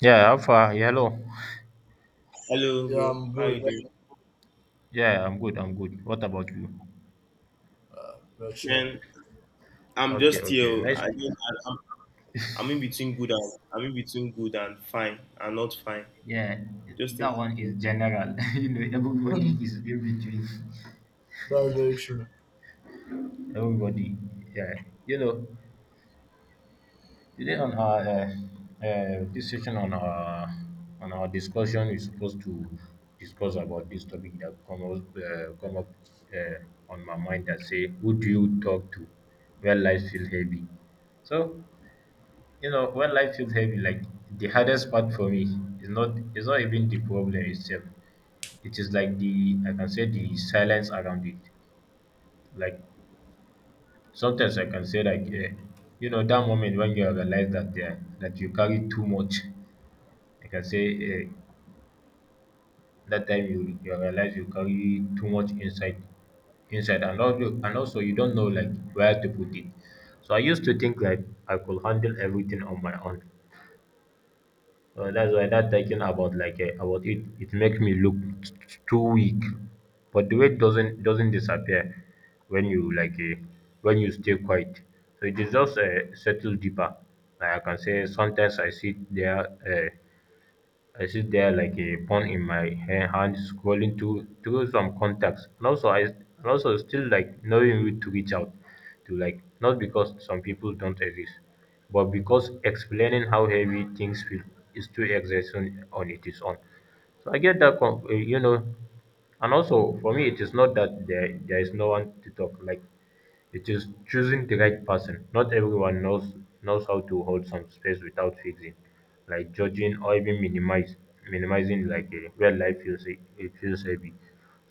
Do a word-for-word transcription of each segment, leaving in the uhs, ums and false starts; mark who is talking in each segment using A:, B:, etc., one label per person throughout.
A: Yeah, how far? Yeah, hello.
B: Hello,
C: Yeah,
B: bro.
C: I'm
B: How you
C: good.
B: doing?
A: Yeah, I'm good. I'm good. What about you?
C: Uh, about you.
B: Man, I'm
A: Okay,
B: just here.
A: okay. Nice.
B: I, didn't- I, I'm, I'm in between good, and I'm in between good and fine and not fine.
A: Yeah,
B: Just in,
A: that one is general. You know, everybody is in between.
C: That's very true.
A: Everybody. Yeah. You know, today on our uh, uh, this session on our on our discussion, we're supposed to discuss about this topic that come up, uh, come up uh, on my mind. That say, who do you talk to when life feels heavy? So You know, when life feels heavy, like the hardest part for me is not is not even the problem itself. It is like the I can say the silence around it. Like sometimes I can say like eh, you know that moment when you realize that eh, that you carry too much. I can say eh, that time you you realize you carry too much inside inside and also, and also you don't know like where to put it. So I used to think like I could handle everything on my own. Uh, that's why that thinking about like uh, about it, it makes me look t- t- too weak. But the weight doesn't doesn't disappear when you like uh, when you stay quiet. So it is just uh, settle deeper. Like I can say sometimes I sit there. Uh, I sit there like a phone in my ha- hand, scrolling through through some contacts, and also I and also still like knowing who to reach out to, like not because some people don't exist, but because explaining how heavy things feel is too exhausting on it is own. So I get that, com- eh, you know, and also for me, it is not that there, there is no one to talk. Like it is choosing the right person. Not everyone knows knows how to hold some space without fixing, like judging or even minimize minimizing like a real life feels he- it feels heavy.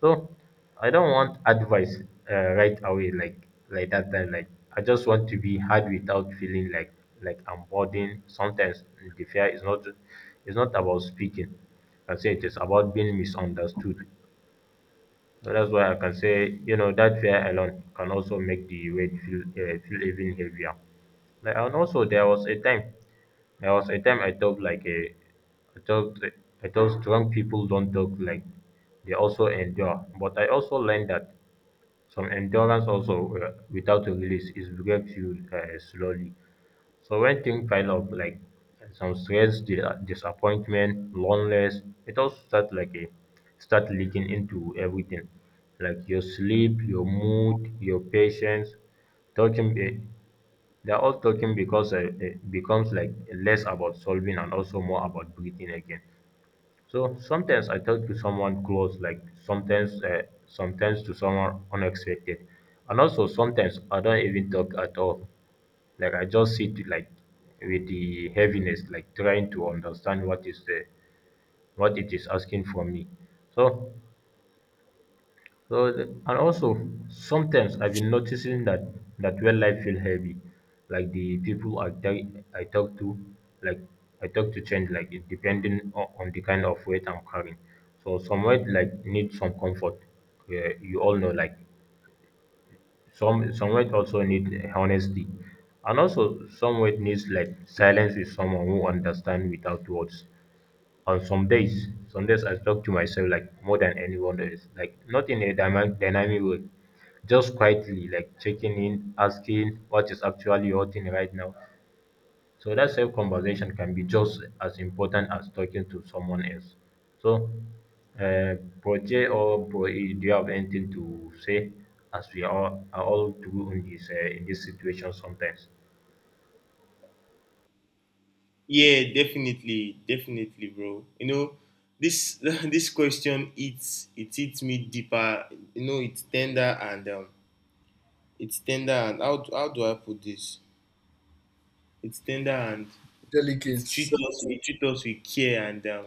A: So I don't want advice uh, right away like like that time like I just want to be hard without feeling like like I'm burdened. Sometimes the fear is not it's not about speaking. I say it is about being misunderstood. So that's why I can say, you know, that fear alone can also make the weight feel, uh, feel even heavier. Like, and also, there was a time, there was a time I thought like a, I thought, I thought strong people don't talk like they also endure. But I also learned that some endurance also uh, without a release is breaks you uh, slowly. So when things pile up, like some stress, di- disappointment, loneliness, it all start like a start leaking into everything, like your sleep, your mood, your patience. Talking, be- they're all talking because uh, it becomes like less about solving and also more about breathing again. So sometimes I talk to someone close, like sometimes, uh, sometimes to someone unexpected, and also sometimes I don't even talk at all. Like I just sit like with the heaviness, like trying to understand what is the, what it is asking for me. So so the- and also sometimes I've been noticing that that when life feel heavy, like the people I talk I talk to, like I talk to change, like it depending on, on the kind of weight I'm carrying. So some weight like need some comfort. Yeah, you all know like some some weight also need honesty, and also some weight needs like silence with someone who understand without words on some days, some days I talk to myself like more than anyone else, like not in a dyma- dynamic way, just quietly, like checking in, asking what is actually hurting right now. So that self conversation can be just as important as talking to someone else. So, uh, Proje or Proe, do you have anything to say? As we are, are all through in this uh, in this situation sometimes.
B: yeah, definitely, definitely, bro. You know, this this question eats it eats me deeper. You know, it's tender and um, it's tender, and how do- how do I put this? It's tender, and it treats
C: Delicates.
B: us, it treats us with care. and um,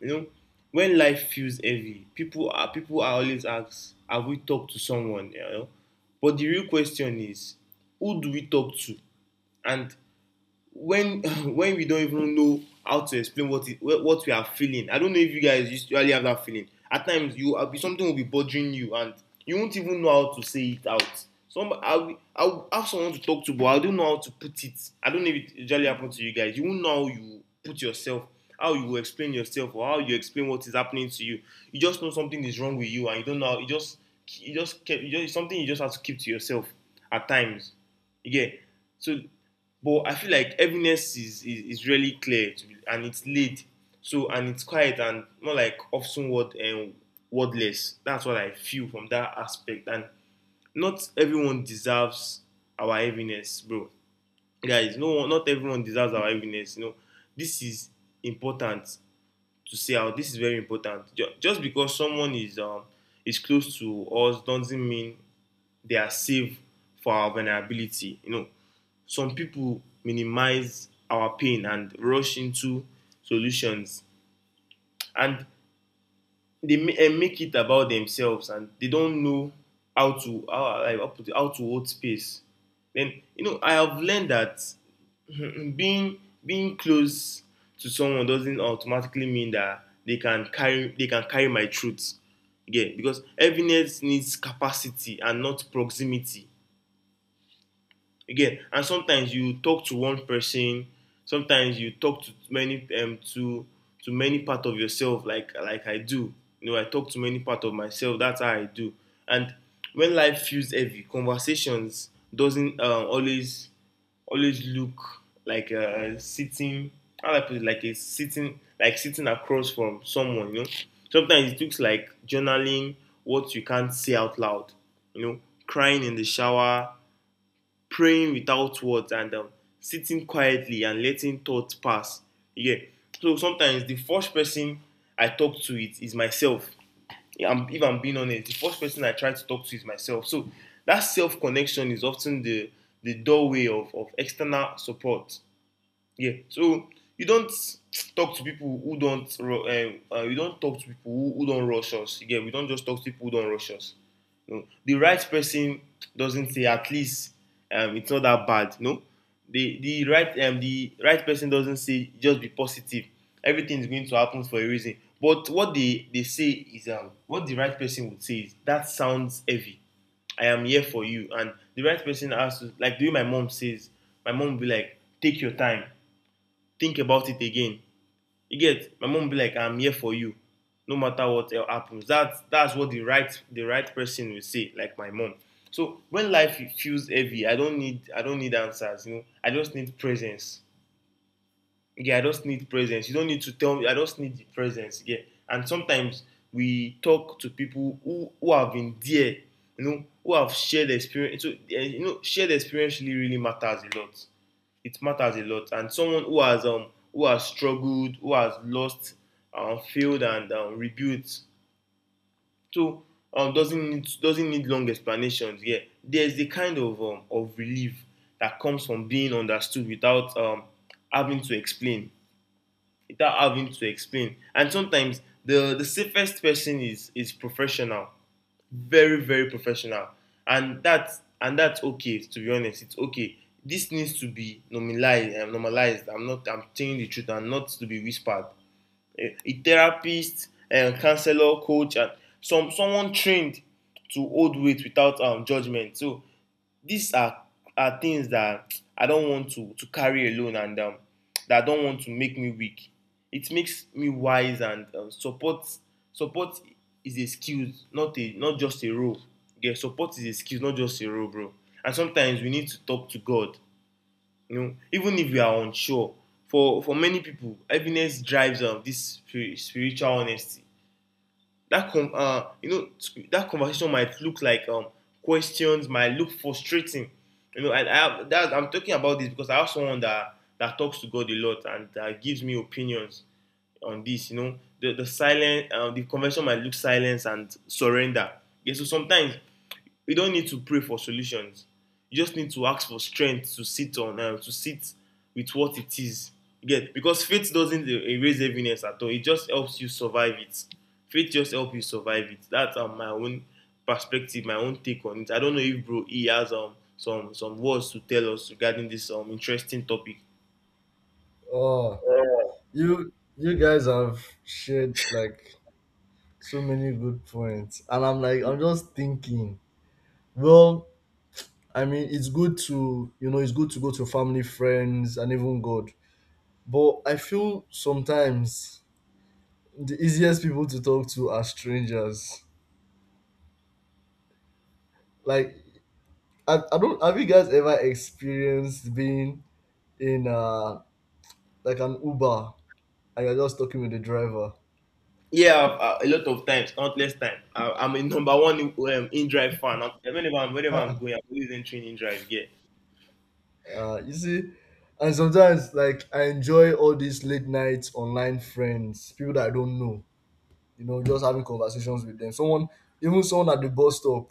B: you know, when life feels heavy, people are people are always asked, have we talked to someone? You know, but the real question is, who do we talk to? And when when we don't even know how to explain what it what we are feeling. I don't know if you guys usually have that feeling at times. You uh, Something will be bothering you, and you won't even know how to say it out. Some, i i have someone to talk to, but I don't know how to put it. I don't know if it usually happens to you guys. You won't know how you put yourself, how you explain yourself, or how you explain what is happening to you. You just know something is wrong with you, and you don't know. You just you just kept, you just something, you just have to keep to yourself at times, you get. So but I feel like heaviness is, is, is really clear to be, and it's laid. So and it's quiet and not like often word and wordless. That's what I feel from that aspect. And not everyone deserves our heaviness, bro. Guys, no, not everyone deserves our heaviness. You know, this is important to say out. This is very important. Just because someone is um is close to us doesn't mean they are safe for our vulnerability. You know, some people minimize our pain and rush into solutions, and they eh, make it about themselves, and they don't know how to how, like, how to hold space. Then you know I have learned that mm-hmm, being being close to someone doesn't automatically mean that they can carry they can carry my truth. Yeah, because heaviness needs capacity and not proximity. Again, and sometimes you talk to one person, sometimes you talk to many, um, to to many part of yourself, like like I do. you know I talk to many part of myself. That's how I do. And when life feels heavy, conversations doesn't um, always always look like uh sitting. How do I put it, like a sitting like sitting across from someone. You know sometimes it looks like journaling what you can't say out loud you know Crying in the shower, praying without words, and um, sitting quietly and letting thoughts pass. Yeah. So sometimes the first person I talk to, it is myself. Yeah, I'm, if I'm being honest, the first person I try to talk to is myself. So that self connection is often the the doorway of, of external support. Yeah. So you don't talk to people who don't. Ru- Uh, uh, you don't talk to people who, who don't rush us. Again, we don't just talk to people who don't rush us. You know, the right person doesn't say at least, um, it's not that bad. No, the the right um, the right person doesn't say just be positive. Everything is going to happen for a reason. But what they they say is um, what the right person would say is, that sounds heavy. I am here for you. And the right person has to, like, the way my mom says, my mom will be like, take your time, think about it again. You get? My mom be like, I'm here for you, no matter what happens. That's that's what the right the right person will say, like my mom. So when life feels heavy, i don't need i don't need answers. you know I just need presence. Yeah, I just need presence. You don't need to tell me. I just need the presence. Yeah. And sometimes we talk to people who, who have been there, you know, who have shared experience. So, eh, you know, shared experience really, really matters a lot. It matters a lot. And someone who has um who has struggled, who has lost, um, failed, and um, rebuilt. So um, doesn't need, doesn't need long explanations. Yeah, there's the kind of um, of relief that comes from being understood without um, having to explain without having to explain. And sometimes the the safest person is is professional, very very professional, and that's and that's okay. To be honest, it's okay. This needs to be normalized. Um, normalized. I'm not. I'm telling the truth and not to be whispered. A, a therapist, a counselor, coach, and some someone trained to hold weight without um, judgment. So these are are things that I don't want to to carry alone, and um, that I don't want to make me weak. It makes me wise, and um, support support is a skill, not a not just a role. Yeah, support is a skill, not just a role, bro. And sometimes we need to talk to God. You know, even if we are unsure. For for many people, heaviness drives um, this spiritual honesty. That com- uh, you know That conversation might look like um, questions, might look frustrating. You know and I have that. I'm talking about this because I have someone that that talks to God a lot, and that gives me opinions on this you know the the silent uh, the conversation might look silence and surrender. Yeah, so sometimes you don't need to pray for solutions. You just need to ask for strength to sit on uh, to sit with what it is. You Because faith doesn't e- erase heaviness at all. It just helps you survive it. Faith just helps you survive it. That's, um, my own perspective, my own take on it. I don't know if bro E has um some some words to tell us regarding this um interesting topic.
C: Oh, you you guys have shared like so many good points, and I'm like I'm just thinking. Well, I mean, it's good to you know it's good to go to family, friends, and even God. But I feel sometimes the easiest people to talk to are strangers. Like I, I don't have you guys ever experienced being in uh like an Uber and you're just talking with the driver.
B: Yeah, uh, a lot of times, not less time. I, I'm a number one, um, in drive fan. I'm, whenever I'm whenever I'm
C: uh,
B: going, I'm always entering in drive. Yeah.
C: you see, and sometimes like I enjoy all these late night online friends, people that I don't know. You know, just having conversations with them. Someone, even someone at the bus stop.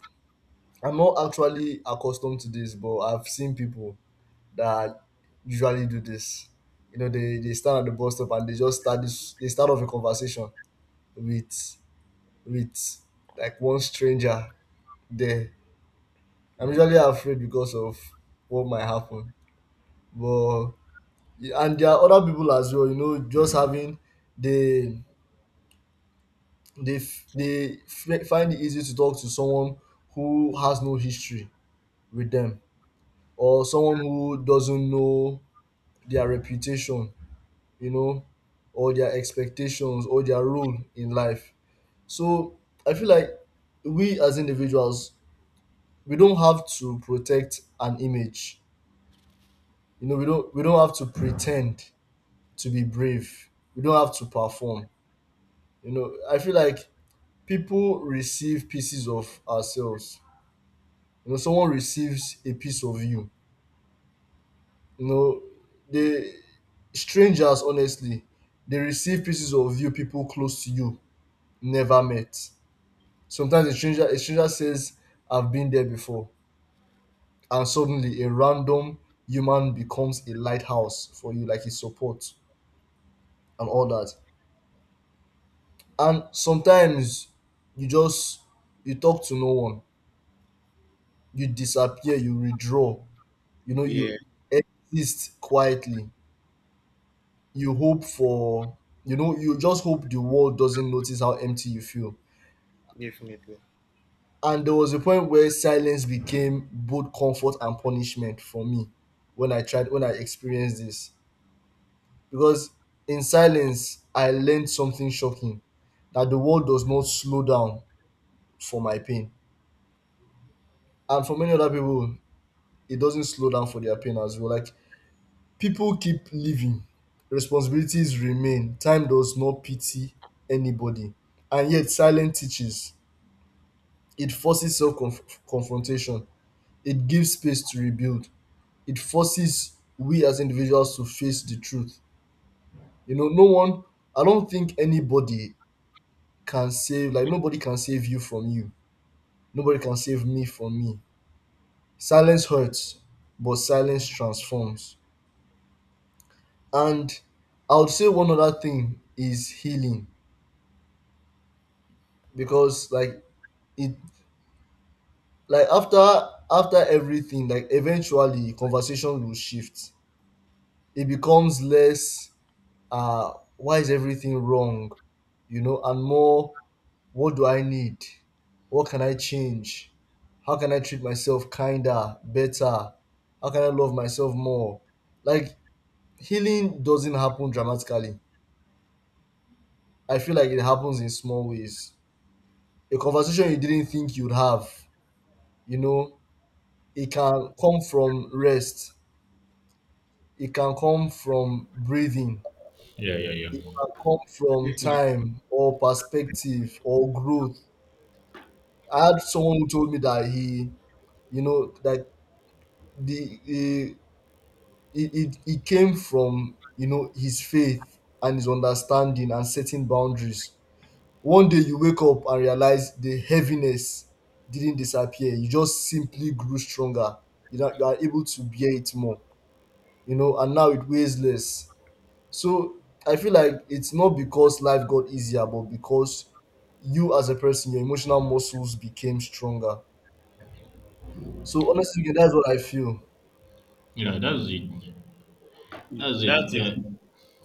C: I'm not actually accustomed to this, but I've seen people that usually do this. You know, they, they stand at the bus stop and they just start this. They start off a conversation with with like one stranger there. I'm usually afraid because of what might happen. But and there are other people as well, you know, just having they they f- they f- find it easy to talk to someone who has no history with them, or someone who doesn't know their reputation, you know, or their expectations or their role in life. So I feel like we as individuals, we don't have to protect an image. You know, we don't we don't have to pretend to be brave. We don't have to perform. You know, I feel like people receive pieces of ourselves. You know, someone receives a piece of you. You know, they, strangers honestly, they receive pieces of you people close to you never met. Sometimes a stranger a stranger says, I've been there before. And suddenly a random human becomes a lighthouse for you, like his support and all that. And sometimes you just you talk to no one, you disappear, you withdraw, you know, you
B: Yeah.
C: exist quietly. You hope for, you know, you just hope the world doesn't notice how empty you feel.
B: Definitely.
C: And there was a point where silence became both comfort and punishment for me when I tried, when I experienced this. Because in silence, I learned something shocking, that the world does not slow down for my pain. And for many other people, it doesn't slow down for their pain as well. Like, people keep living, responsibilities remain, time does not pity anybody. And yet, silence teaches. It forces self confrontation, it gives space to rebuild, it forces we as individuals to face the truth. You know, no one, I don't think anybody can save, like, nobody can save you from you. Nobody can save me from me. Silence hurts, but silence transforms. And I would say one other thing is healing, because like it like after after everything like eventually conversation will shift, it becomes less uh why is everything wrong, you know, and more, what do I need? What can I change? How can I treat myself kinder, better? How can I love myself more? Like healing doesn't happen dramatically. I feel like it happens in small ways, a conversation you didn't think you'd have, you know. It can come from rest. It can come from breathing.
A: Yeah, yeah,
C: It
A: yeah.
C: can come from
B: That's
C: time or perspective or growth. I had someone who told me that he, you know, that the eh, it, it, it came from, you know, his faith and his understanding and setting boundaries. One day you wake up and realize the heaviness didn't disappear. You just simply grew stronger. You know, you are able to bear it more. You know, and now it weighs less. So I feel like it's not because life got easier, but because you as a person, your emotional muscles became stronger. So honestly, that's what I feel.
A: Yeah, that's it. That's it.
B: a,
A: Yeah,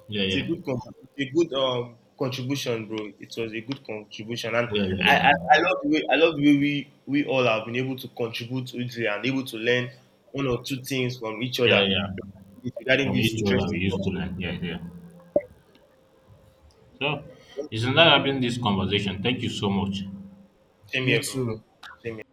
A: yeah,
B: it's
A: yeah,
B: a good con- it's a good um contribution, bro. It was a good contribution, and
A: yeah,
B: I
A: yeah,
B: I, I
A: yeah.
B: love the way, I love the way we we all have been able to contribute to it, and able to learn one or two things from each
A: Yeah,
B: other
A: yeah.
B: regarding this regarding
A: From
B: this
A: each other, we
B: interesting
A: used to learn. Yeah, yeah. So
B: topic.
A: it's another having this conversation. Thank you so much.
B: Same
C: You
B: here, bro. Same
C: too.
B: here.